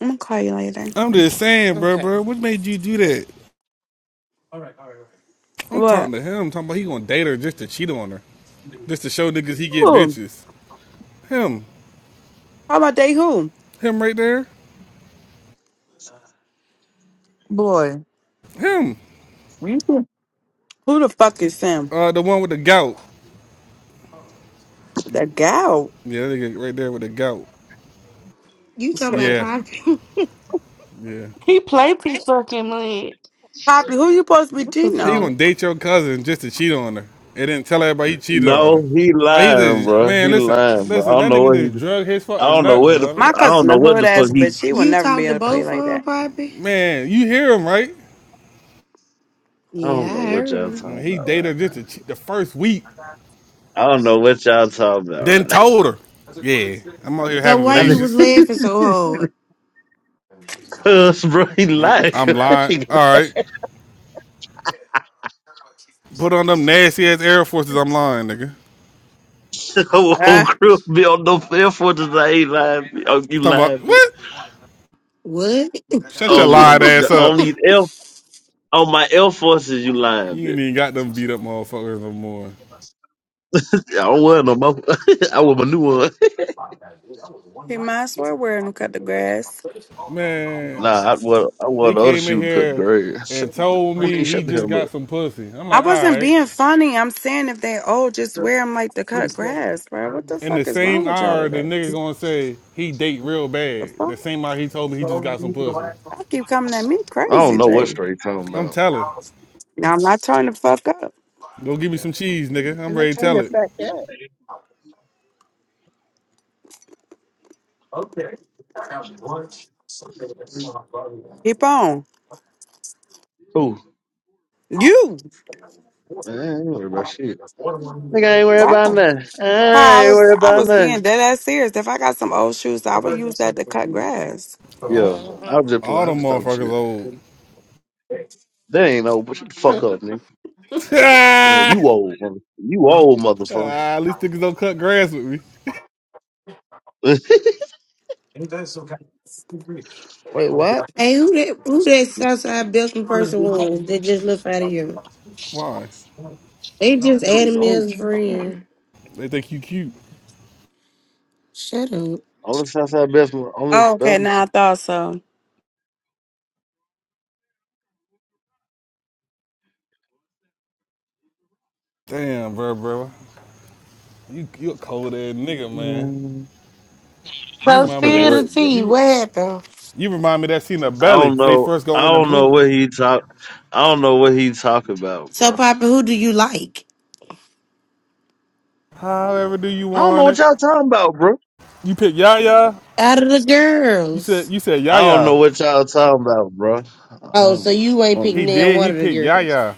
Speaker 1: I'm gonna call you later.
Speaker 2: I'm just saying, bro,
Speaker 6: Okay.
Speaker 2: bro. What made you do that? I'm
Speaker 1: What?
Speaker 2: talking to him. I'm Talking about he gonna date her just to cheat on her, just to show niggas he get
Speaker 1: Who?
Speaker 2: bitches. Him,
Speaker 1: how about they who?
Speaker 2: him right there.
Speaker 1: Boy,
Speaker 2: Him,
Speaker 1: you- who the fuck is Sam?
Speaker 2: uh, the one with the gout.
Speaker 1: That gal.
Speaker 2: Yeah, that nigga right there with the gout.
Speaker 5: You talking about
Speaker 2: Yeah,
Speaker 5: Poppy?
Speaker 2: yeah.
Speaker 3: He played too fucking much.
Speaker 1: Poppy, who you supposed to be
Speaker 5: What the
Speaker 1: cheating
Speaker 2: He
Speaker 1: on?
Speaker 5: fuck?
Speaker 2: gonna date your cousin just to cheat on her, and then tell everybody he cheated on her.
Speaker 4: No, he
Speaker 2: Like he
Speaker 4: lying,
Speaker 2: just,
Speaker 4: bro.
Speaker 2: man.
Speaker 4: He
Speaker 2: Listen,
Speaker 4: lying, bro. I
Speaker 2: listen.
Speaker 4: don't
Speaker 2: That
Speaker 4: know
Speaker 2: nigga
Speaker 4: what he.
Speaker 2: just drug his
Speaker 4: I
Speaker 2: fucking
Speaker 4: don't know
Speaker 2: nuts,
Speaker 4: what the.
Speaker 2: dummy.
Speaker 1: My
Speaker 4: I don't
Speaker 1: cousin,
Speaker 4: know
Speaker 1: a
Speaker 4: what
Speaker 1: hood
Speaker 4: the fuck
Speaker 1: ass
Speaker 4: he.
Speaker 1: bitch, she will
Speaker 5: You
Speaker 1: never be
Speaker 5: talked to
Speaker 1: able to play
Speaker 5: both
Speaker 1: like
Speaker 5: of
Speaker 1: that.
Speaker 5: them, Poppy?
Speaker 2: Man, you hear him right?
Speaker 4: I
Speaker 5: Yeah,
Speaker 4: don't know
Speaker 5: I
Speaker 4: what
Speaker 5: heard
Speaker 4: y'all
Speaker 5: them.
Speaker 4: talking
Speaker 2: He
Speaker 4: about
Speaker 2: dated
Speaker 4: right
Speaker 2: her
Speaker 4: now.
Speaker 2: just to cheat the first week,
Speaker 4: I don't know what y'all talking about
Speaker 2: then
Speaker 4: right now.
Speaker 2: told her. Yeah, I'm out here
Speaker 5: So
Speaker 2: having
Speaker 5: why
Speaker 4: I
Speaker 5: you
Speaker 4: mean,
Speaker 5: was
Speaker 2: relations.
Speaker 4: not
Speaker 5: laughing so hard?
Speaker 4: cause bro, he
Speaker 2: I'm,
Speaker 4: lying.
Speaker 2: I'm lying. All right. Put on them nasty ass Air Forces. I'm lying, nigga. I'm
Speaker 4: The whole whole
Speaker 1: Ah,
Speaker 4: crew be on no fair for tonight. He lying. bitch. Oh, you
Speaker 2: talking about
Speaker 4: lying, bitch.
Speaker 2: what?
Speaker 5: What?
Speaker 2: Shut your
Speaker 4: On the,
Speaker 2: lying ass
Speaker 4: the
Speaker 2: up.
Speaker 4: only L on my Air Forces, you lying,
Speaker 2: You ain't
Speaker 4: bitch.
Speaker 2: even got them beat up motherfuckers no more.
Speaker 4: I don't wear no more. I wear my new one.
Speaker 1: he might as well wear them cut the grass.
Speaker 2: Man,
Speaker 4: Nah, I wear I wear
Speaker 2: he
Speaker 4: the other
Speaker 2: came in
Speaker 4: shoe to cut
Speaker 2: here
Speaker 4: grade.
Speaker 2: and told
Speaker 4: Queen,
Speaker 2: me he
Speaker 4: shut the
Speaker 2: just
Speaker 4: hell
Speaker 2: got
Speaker 4: up.
Speaker 2: some pussy. I'm
Speaker 1: I
Speaker 2: like, all
Speaker 1: wasn't
Speaker 2: right.
Speaker 1: being funny. I'm saying if they old, just wear them like to cut grass, bro. What the
Speaker 2: In the
Speaker 1: fuck is wrong
Speaker 2: same
Speaker 1: with y'all
Speaker 2: hour, the
Speaker 1: today?
Speaker 2: nigga gonna say he date real
Speaker 1: The
Speaker 2: bad.
Speaker 1: fuck?
Speaker 2: The same hour he told me he just got some pussy.
Speaker 1: Y'all keep coming at me
Speaker 4: I don't
Speaker 1: crazy,
Speaker 4: know what
Speaker 1: Jay.
Speaker 4: straight talking
Speaker 2: I'm
Speaker 4: about.
Speaker 2: telling.
Speaker 1: Now I'm not turning the fuck up.
Speaker 2: Go give me some cheese, nigga. I'm
Speaker 4: And I
Speaker 2: ready to
Speaker 4: turn
Speaker 2: tell
Speaker 4: the
Speaker 2: it.
Speaker 4: fact out.
Speaker 1: Keep on.
Speaker 4: Who?
Speaker 1: You.
Speaker 4: Man, I ain't worried about shit. Nigga, I ain't worried
Speaker 1: Wow.
Speaker 4: about nothing. I
Speaker 1: I
Speaker 4: ain't
Speaker 1: was
Speaker 4: worried
Speaker 1: I
Speaker 4: about
Speaker 1: was
Speaker 4: nothing.
Speaker 1: being dead ass serious. If I got some old shoes, I would use that to cut grass.
Speaker 4: Yeah,
Speaker 6: Mhm.
Speaker 4: I'm just playing.
Speaker 2: All
Speaker 4: I'm
Speaker 2: them
Speaker 4: just talking
Speaker 2: motherfuckers
Speaker 4: shit.
Speaker 2: old.
Speaker 4: They ain't old, but shut the fuck up, nigga. Yeah, You old, mother- you old motherfucker.
Speaker 2: Ah, At least niggas don't cut grass with me.
Speaker 4: shit,
Speaker 1: Wait, what?
Speaker 5: hey, who that? Who that Southside Belton person was that just left out of you?
Speaker 2: Why?
Speaker 5: They just added me
Speaker 4: only,
Speaker 5: as a friend.
Speaker 2: They think you cute.
Speaker 5: Shut up.
Speaker 4: only Southside best, only
Speaker 1: Oh, okay,
Speaker 4: best.
Speaker 1: now I thought so.
Speaker 2: Damn, bro, bro. You you a cold ass nigga, man.
Speaker 4: Mm,
Speaker 2: You
Speaker 5: So,
Speaker 2: remind me that
Speaker 5: Spirit
Speaker 4: what,
Speaker 5: of
Speaker 4: bro?
Speaker 5: Tea,
Speaker 2: you
Speaker 5: what happened?
Speaker 2: you remind me that scene of
Speaker 4: I
Speaker 2: Belly
Speaker 4: don't
Speaker 2: when they
Speaker 4: know.
Speaker 2: first go
Speaker 4: I
Speaker 2: in the
Speaker 4: don't know
Speaker 2: movie.
Speaker 4: what he talk. I don't know what he talk about,
Speaker 5: So,
Speaker 4: bro.
Speaker 5: Papa, who do you like
Speaker 2: However do you
Speaker 4: I don't know
Speaker 2: want
Speaker 4: what
Speaker 2: it?
Speaker 4: y'all talking about, bro.
Speaker 2: You pick Yaya.
Speaker 5: out of the
Speaker 2: You said
Speaker 5: girls?
Speaker 2: you said
Speaker 4: I don't
Speaker 2: Yaya.
Speaker 4: know what y'all talking about, bro. I
Speaker 5: Oh, so
Speaker 4: don't,
Speaker 5: you
Speaker 4: I
Speaker 5: ain't
Speaker 4: don't
Speaker 2: He
Speaker 5: picking
Speaker 4: know.
Speaker 5: down
Speaker 2: did. He
Speaker 5: one of the
Speaker 2: picked
Speaker 5: girls?
Speaker 2: Yaya.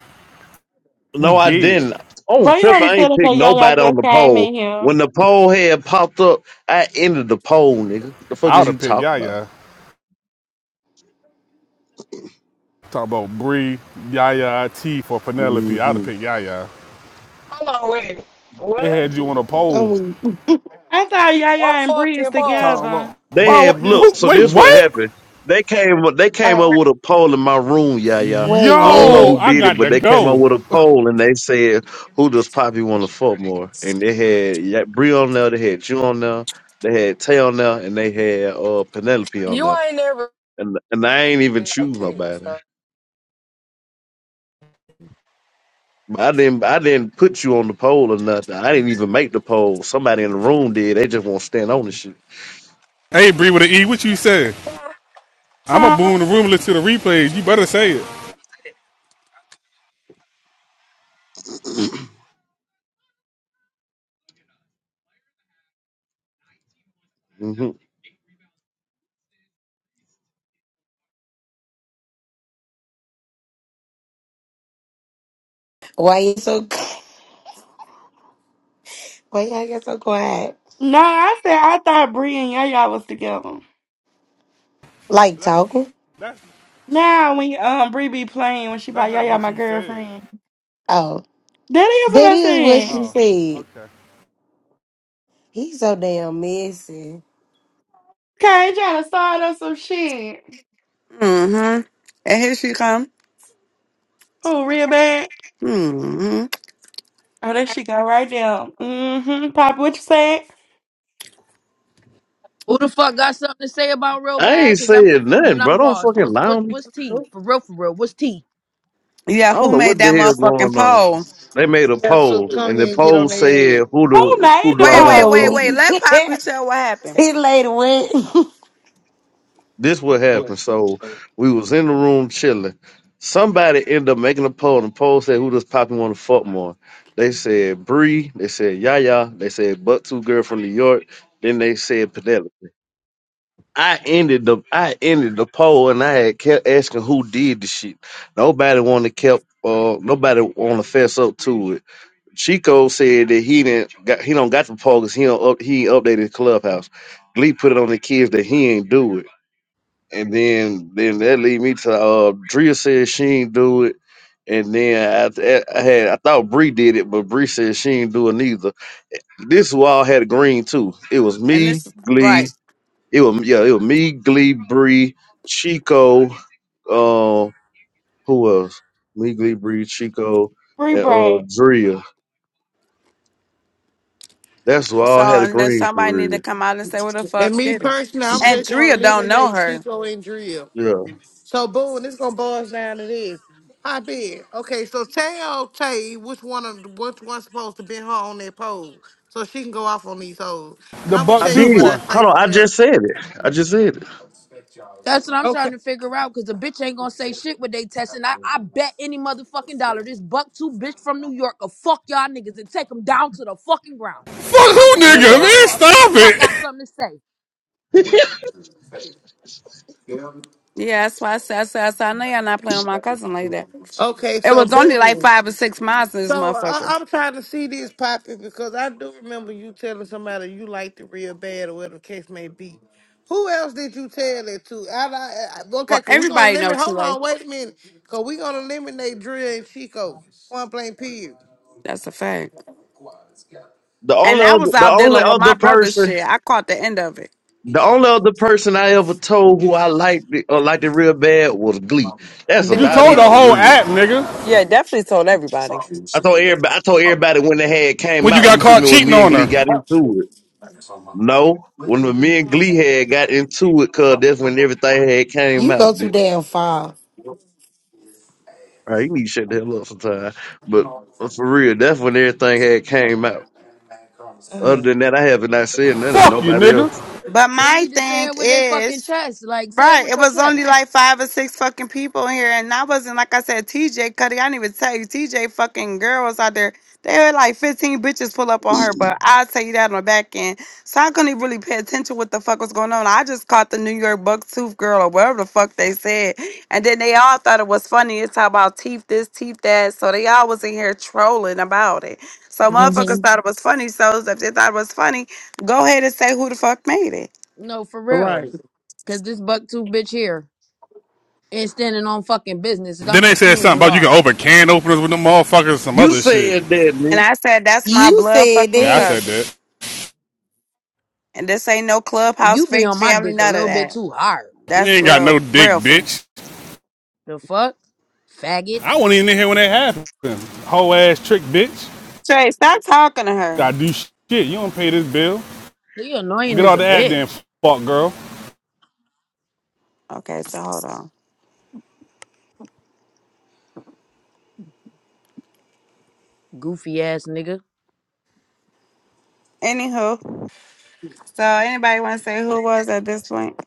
Speaker 2: You
Speaker 4: No, I
Speaker 2: did.
Speaker 4: didn't. On
Speaker 3: Boy, you
Speaker 4: trip,
Speaker 3: already
Speaker 4: I
Speaker 3: said,
Speaker 4: ain't picked
Speaker 3: okay, y'all, y'all
Speaker 4: nobody on
Speaker 3: just
Speaker 4: the
Speaker 3: came
Speaker 4: poll.
Speaker 3: in here.
Speaker 4: When the poll head popped up, I ended the poll, nigga. The fuck
Speaker 2: I
Speaker 4: is
Speaker 2: would
Speaker 4: you
Speaker 2: have picked
Speaker 4: talking about?
Speaker 2: Yaya. Talk about Bree, Yaya, T for Penelope. I would
Speaker 4: hmm
Speaker 2: have picked Yaya.
Speaker 8: Hold on, wait.
Speaker 2: They
Speaker 8: What?
Speaker 2: had you on a pole.
Speaker 5: I'm weak.
Speaker 3: I thought y'all, y'all
Speaker 8: What
Speaker 3: and Breeze is
Speaker 8: fucking
Speaker 2: Talking
Speaker 8: Paul?
Speaker 3: together.
Speaker 2: about why?
Speaker 4: They had
Speaker 2: you, who,
Speaker 4: look. So
Speaker 2: wait,
Speaker 4: this what
Speaker 2: what?
Speaker 4: happened. They came up. They came up with a poll in my room, yeah, yeah.
Speaker 5: Wait,
Speaker 4: I don't know
Speaker 2: Yo,
Speaker 4: who
Speaker 5: what?
Speaker 2: I
Speaker 4: did it,
Speaker 2: got
Speaker 4: but
Speaker 2: to
Speaker 4: they came up
Speaker 2: go.
Speaker 4: with a poll and they said, "Who does Poppy want to fuck more?" And they had yeah, Bree on there. They had you on there. They had Tay on there, and they had uh Penelope on
Speaker 8: You
Speaker 4: there.
Speaker 8: ain't never
Speaker 4: And and I ain't even
Speaker 8: like
Speaker 4: choose
Speaker 8: this.
Speaker 4: nobody.
Speaker 8: So.
Speaker 4: But I didn't I didn't put you on the poll or nothing. I didn't even make the poll. Somebody in the room did. They just won't stand on the shit.
Speaker 2: Hey, Bree with an E, what you say? I'm a
Speaker 3: Nah,
Speaker 2: boom the room, listen to the replay. You better say it.
Speaker 4: hmm
Speaker 5: Why you so? Why y'all get so quiet?
Speaker 3: I said I thought Bree and Yaya was together.
Speaker 5: Like
Speaker 2: That,
Speaker 5: talking?
Speaker 2: that's,
Speaker 3: Now when um Bree be playing when she by
Speaker 2: that's not
Speaker 3: Yaya
Speaker 2: what
Speaker 3: my
Speaker 2: you said.
Speaker 3: girlfriend.
Speaker 5: Oh,
Speaker 3: That is what
Speaker 5: that
Speaker 3: I
Speaker 5: is what
Speaker 3: said.
Speaker 5: she
Speaker 2: Oh,
Speaker 5: said.
Speaker 2: okay.
Speaker 5: He's so damn messy.
Speaker 3: Okay, trying to start up some shit.
Speaker 1: Mm-hmm. And here she come.
Speaker 3: Oh, real bad.
Speaker 1: Mm-hmm.
Speaker 3: Oh, that shit got right there. Mm-hmm. Pop, what you said?
Speaker 9: Who the fuck got something to say about real
Speaker 4: I
Speaker 9: bad?
Speaker 4: ain't
Speaker 9: Cause I'm
Speaker 4: saying
Speaker 9: confused and
Speaker 4: nothing, bro.
Speaker 9: I'm
Speaker 4: Don't
Speaker 9: lost.
Speaker 4: fucking
Speaker 9: What's
Speaker 4: lie
Speaker 9: what
Speaker 4: on me.
Speaker 9: what's T for real for real? What's T?
Speaker 1: Yeah,
Speaker 4: I don't
Speaker 1: who
Speaker 4: know
Speaker 1: made
Speaker 4: what the
Speaker 1: that
Speaker 4: hell
Speaker 1: motherfucking
Speaker 4: going on.
Speaker 1: poll?
Speaker 4: They made a
Speaker 6: Yeah, so
Speaker 4: poll,
Speaker 6: come
Speaker 4: and the
Speaker 6: here and get
Speaker 4: poll
Speaker 6: on their
Speaker 4: said,
Speaker 6: ass.
Speaker 4: "Who
Speaker 3: Who
Speaker 4: do
Speaker 3: made
Speaker 4: who do
Speaker 3: the
Speaker 4: I
Speaker 1: Wait,
Speaker 5: I'm
Speaker 4: want to
Speaker 1: wait,
Speaker 5: so
Speaker 1: wait,
Speaker 4: fuck?"
Speaker 5: weak.
Speaker 3: poll?
Speaker 1: wait. Let
Speaker 5: See
Speaker 1: Poppy tell what happened.
Speaker 5: you later. What?
Speaker 4: this what happened. So we was in the room chilling. Somebody ended up making a poll, and the poll said, "Who does Poppy want to fuck more?" They said Bree. They said Yaya. They said Buck Two Girl from New York. Then they said Penelope. I ended the I ended the poll, and I had kept asking who did the shit. Nobody wanted to kept. Uh, nobody want to fess up to it. Chico said that he didn't got he don't got the poll because he don't up, he ain't updated Clubhouse. Glee put it on the kids that he ain't do it and then then that lead me to uh Drea said she ain't do it, and then after I had I thought Bree did it, but Bree said she ain't do it neither. This wall had a green too. It was
Speaker 1: And
Speaker 4: me,
Speaker 1: this is right.
Speaker 4: Glee. It was yeah, it was me, Glee, Bree, Chico. Um, who else? Me, Glee, Bree, Chico,
Speaker 3: Bree
Speaker 4: and uh
Speaker 3: Brad.
Speaker 4: Drea. That's why
Speaker 1: So
Speaker 4: I had a
Speaker 1: and then
Speaker 4: green for
Speaker 1: somebody need to
Speaker 4: real.
Speaker 1: come out and say what the fuck
Speaker 6: And me
Speaker 1: did it.
Speaker 6: personally, I'm
Speaker 1: And
Speaker 6: just gonna
Speaker 1: Drea don't know
Speaker 6: eliminate
Speaker 1: her.
Speaker 6: Chico and Drill.
Speaker 4: Yeah,
Speaker 6: So boom, this gonna boils down to this. I bet. Okay, so tell Tay which one of which one's supposed to be her on that pole. So she can go off on these hoes. And
Speaker 2: The
Speaker 6: I'm gonna
Speaker 2: buck
Speaker 4: I
Speaker 6: tell you
Speaker 2: tooth
Speaker 4: did.
Speaker 6: what I
Speaker 2: one.
Speaker 4: Hold
Speaker 6: think
Speaker 4: on, I
Speaker 6: from there.
Speaker 4: just said it. I just said it.
Speaker 9: That's what I'm trying
Speaker 6: Okay.
Speaker 9: to figure out. Cause the bitch ain't gonna say shit with they testing. I, I bet any motherfucking dollar this buck two bitch from New York will fuck y'all niggas and take them down to the fucking ground.
Speaker 2: Fuck
Speaker 9: So I'm
Speaker 2: who,
Speaker 1: Mm.
Speaker 9: confused
Speaker 2: nigga?
Speaker 9: and
Speaker 6: Hello.
Speaker 9: I'm
Speaker 2: Man,
Speaker 9: lost. Who the
Speaker 2: stop
Speaker 9: fuck
Speaker 2: it.
Speaker 9: got something to say?
Speaker 1: Yeah, that's why I said, I said, I said, I know y'all not playing with my cousin like that.
Speaker 6: Okay,
Speaker 1: It
Speaker 6: so
Speaker 1: was only like
Speaker 6: boom.
Speaker 1: five or six miles in this
Speaker 6: So I,
Speaker 1: motherfucker.
Speaker 6: I'm trying to see this popping because I do remember you telling somebody you liked it real bad or whatever the case may be. Who else did you tell it to? I, I, I,
Speaker 1: Well,
Speaker 6: okay, cause we gonna
Speaker 1: everybody know
Speaker 6: limit. Hold
Speaker 1: Tulane.
Speaker 6: on, wait a minute, cause we gonna eliminate Dre and Chico. One plain period.
Speaker 1: That's a fact.
Speaker 4: The only
Speaker 1: And I
Speaker 4: other,
Speaker 1: was
Speaker 4: the
Speaker 1: out
Speaker 4: only
Speaker 1: dealing with my
Speaker 4: other
Speaker 1: brother's
Speaker 4: person.
Speaker 1: shit. I caught the end of it.
Speaker 4: The only other person I ever told who I liked it- or liked it real bad was Glee. That's
Speaker 6: There
Speaker 2: You
Speaker 6: we
Speaker 4: about
Speaker 2: told the
Speaker 4: it for
Speaker 6: go.
Speaker 2: whole
Speaker 4: real.
Speaker 2: app, nigga.
Speaker 1: Yeah, definitely told everybody.
Speaker 4: I told everybody. I told everybody when they had came
Speaker 2: When you
Speaker 4: out.
Speaker 2: got
Speaker 4: You feel
Speaker 2: caught
Speaker 4: me? When
Speaker 2: cheating
Speaker 4: me and
Speaker 2: on
Speaker 4: Glee
Speaker 2: her.
Speaker 4: got into it. No, when me and Glee had got into it, cause that's when everything had came
Speaker 5: you
Speaker 4: out.
Speaker 5: go too
Speaker 4: Bitch.
Speaker 5: damn far.
Speaker 4: All right, you need to shut the hell up sometime. But uh, for real, that's when everything had came out. Other
Speaker 6: Mm.
Speaker 4: than that, I haven't not said nothing to
Speaker 2: Fuck you,
Speaker 4: nobody
Speaker 2: nigga.
Speaker 4: else.
Speaker 1: But
Speaker 9: They
Speaker 1: my
Speaker 9: need to say
Speaker 1: thing
Speaker 9: it with their fucking
Speaker 1: is,
Speaker 9: chest. Like say it
Speaker 1: right,
Speaker 9: with
Speaker 1: it
Speaker 9: your
Speaker 1: was only
Speaker 9: chest.
Speaker 1: like five or six fucking people in here. And I wasn't, like I said, TJ Cuddy. I didn't even tell you, TJ fucking girls out there. They had like 15 bitches pull up on her, but I'll tell you that on the back end. So I couldn't even really pay attention what the fuck was going on. I just caught the New York bucktooth girl or whatever the fuck they said. And then they all thought it was funny. It's how about teeth this, teeth that. So they all was in here trolling about it. So motherfuckers thought it was funny. So if they thought it was funny, go ahead and say who the fuck made it.
Speaker 9: No, for real. Cause this buck two bitch here ain't standing on fucking business. I'm
Speaker 2: Then they said
Speaker 9: confused
Speaker 2: something
Speaker 9: and
Speaker 2: about you can
Speaker 9: lost.
Speaker 2: open can openers with them motherfuckers and some
Speaker 4: You
Speaker 2: other shit.
Speaker 4: said that,
Speaker 1: And
Speaker 4: man.
Speaker 1: I said, that's my
Speaker 5: You
Speaker 1: blood
Speaker 5: said
Speaker 1: fucking
Speaker 2: Yeah, I
Speaker 5: that.
Speaker 2: said
Speaker 1: cousin.
Speaker 2: that.
Speaker 1: And this ain't no clubhouse
Speaker 9: You be
Speaker 1: fake
Speaker 9: on my
Speaker 1: family,
Speaker 9: dick a
Speaker 1: none of
Speaker 9: little bit
Speaker 1: that.
Speaker 9: too hard.
Speaker 2: You
Speaker 1: That's
Speaker 2: ain't got no
Speaker 1: real,
Speaker 2: dick,
Speaker 1: real family.
Speaker 2: bitch.
Speaker 9: The fuck? Faggot.
Speaker 2: I wasn't even in here when that happened. Whole ass trick, bitch.
Speaker 1: Trey, stop talking to her.
Speaker 2: Gotta do shit. You don't pay this bill.
Speaker 9: You annoying
Speaker 2: Get
Speaker 9: as
Speaker 2: all
Speaker 9: a
Speaker 2: the ad then,
Speaker 9: bitch.
Speaker 2: fuck girl.
Speaker 1: Okay, so hold on.
Speaker 9: Goofy ass nigga.
Speaker 1: Anywho, so anybody want to say who it was at this point?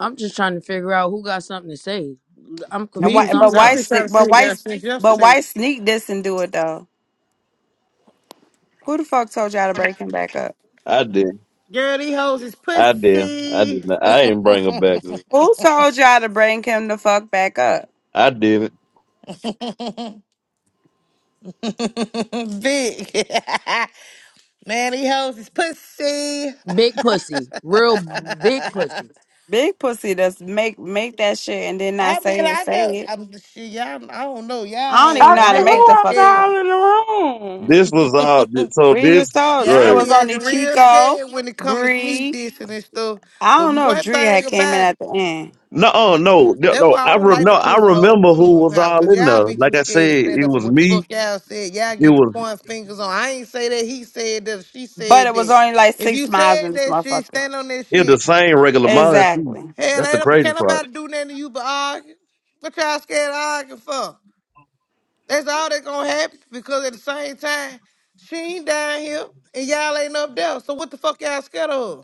Speaker 9: I'm just trying to figure out who got something to say. I'm
Speaker 1: And
Speaker 6: Me
Speaker 9: confused.
Speaker 1: why?
Speaker 6: too.
Speaker 9: I'm
Speaker 1: But
Speaker 6: I've
Speaker 1: why
Speaker 6: been
Speaker 9: lost.
Speaker 6: trying
Speaker 1: sneak?
Speaker 6: to
Speaker 1: But
Speaker 6: figure
Speaker 1: why?
Speaker 6: out since
Speaker 1: But
Speaker 6: yesterday.
Speaker 1: why sneak this and do it though? Who the fuck told y'all to break him back up?
Speaker 4: I did.
Speaker 6: Girl, these hoes is
Speaker 4: I did. I did.
Speaker 6: pussy.
Speaker 4: Not. I didn't bring her back.
Speaker 1: Who told y'all to bring him the fuck back up?
Speaker 4: I did.
Speaker 6: Big. Man, these hoes is pussy.
Speaker 9: Big pussy. Real big pussy.
Speaker 6: I
Speaker 1: Big pussy does make make that shit and then not
Speaker 6: mean,
Speaker 1: say it.
Speaker 6: I
Speaker 1: Say
Speaker 6: just,
Speaker 1: it.
Speaker 6: I'm shit, y'all. I don't know, y'all
Speaker 1: I don't
Speaker 6: hoes
Speaker 1: even know
Speaker 6: your
Speaker 1: how
Speaker 3: Okay,
Speaker 1: to
Speaker 6: head
Speaker 1: make
Speaker 3: who
Speaker 1: the
Speaker 6: acting
Speaker 3: else
Speaker 1: fucking
Speaker 6: scared.
Speaker 1: part.
Speaker 3: all in the room?
Speaker 4: This was all. So
Speaker 1: We just
Speaker 4: this
Speaker 1: told you it
Speaker 6: Y'all
Speaker 4: right?
Speaker 1: was
Speaker 6: be
Speaker 1: only
Speaker 6: acting real
Speaker 1: Chico,
Speaker 6: scared when it come to sneak
Speaker 1: Bree.
Speaker 6: dissing and stuff.
Speaker 1: I
Speaker 6: But
Speaker 1: don't know.
Speaker 6: one
Speaker 1: Dree
Speaker 6: thing
Speaker 1: had came in
Speaker 6: about
Speaker 1: at
Speaker 6: it,
Speaker 1: the end,
Speaker 4: No, uh, no, no.
Speaker 6: that's
Speaker 4: no,
Speaker 6: why I
Speaker 4: I
Speaker 6: don't
Speaker 4: re,
Speaker 6: like
Speaker 4: no.
Speaker 6: to
Speaker 4: I
Speaker 6: push the hoes with
Speaker 4: remember who was
Speaker 6: clubhouse,
Speaker 4: all
Speaker 6: cause
Speaker 4: in
Speaker 6: y'all
Speaker 4: there.
Speaker 6: be too
Speaker 4: Like I
Speaker 6: scared to
Speaker 4: said,
Speaker 6: stand
Speaker 4: it
Speaker 6: up for
Speaker 4: was
Speaker 6: what the fuck
Speaker 4: me.
Speaker 6: y'all said. Y'all
Speaker 4: It
Speaker 6: get the
Speaker 4: was
Speaker 6: point fingers on. I ain't say that he said that. She
Speaker 1: but
Speaker 6: said
Speaker 1: it was
Speaker 6: that.
Speaker 1: only like
Speaker 6: If you
Speaker 1: six miles
Speaker 6: said
Speaker 1: in this
Speaker 6: that shit,
Speaker 1: motherfucker.
Speaker 6: stand on that
Speaker 4: it the
Speaker 6: shit.
Speaker 4: same regular mind too.
Speaker 1: Exactly.
Speaker 6: Hell,
Speaker 4: That's the
Speaker 6: ain't
Speaker 4: crazy
Speaker 6: can't
Speaker 4: part.
Speaker 6: nobody do nothing to you but argue. What y'all scared to argue for? That's all that's gonna happen because at the same time, she ain't down here and y'all ain't up there. So what the fuck y'all scared of?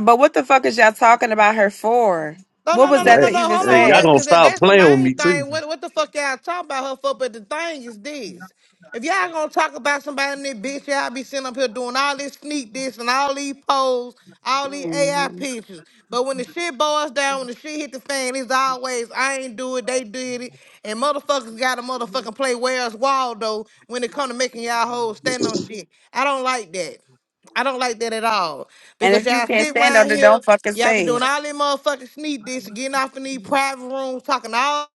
Speaker 1: But what the fuck is y'all talking about her for?
Speaker 6: No,
Speaker 1: What
Speaker 6: no,
Speaker 1: was
Speaker 6: no, no,
Speaker 1: that
Speaker 4: What?
Speaker 6: no,
Speaker 1: to
Speaker 6: no.
Speaker 1: even
Speaker 4: Hey,
Speaker 6: Hold on,
Speaker 4: y'all
Speaker 6: that
Speaker 1: say?
Speaker 4: gonna
Speaker 6: because that,
Speaker 4: stop
Speaker 6: that's the
Speaker 4: playing with
Speaker 6: main
Speaker 4: me too?
Speaker 6: thing. What what the fuck y'all talking about her for? But the thing is this: if y'all gonna talk about somebody in this bitch, y'all be sitting up here doing all this sneak this and all these polls, all these AI
Speaker 1: hmm
Speaker 6: pictures. But when the shit boils down, when the shit hit the fan, it's always I ain't do it, they did it, and motherfuckers gotta motherfucking play Where's Waldo when it come to making y'all hoes stand on shit. I don't like that. I don't like that at all.
Speaker 1: And
Speaker 6: Because
Speaker 1: if you
Speaker 6: y'all
Speaker 1: can't
Speaker 6: sit
Speaker 1: stand
Speaker 6: around
Speaker 1: on it,
Speaker 6: here,
Speaker 1: don't fucking
Speaker 6: y'all be
Speaker 1: say it.
Speaker 6: doing all them motherfucking sneak this, getting off in these private rooms, talking all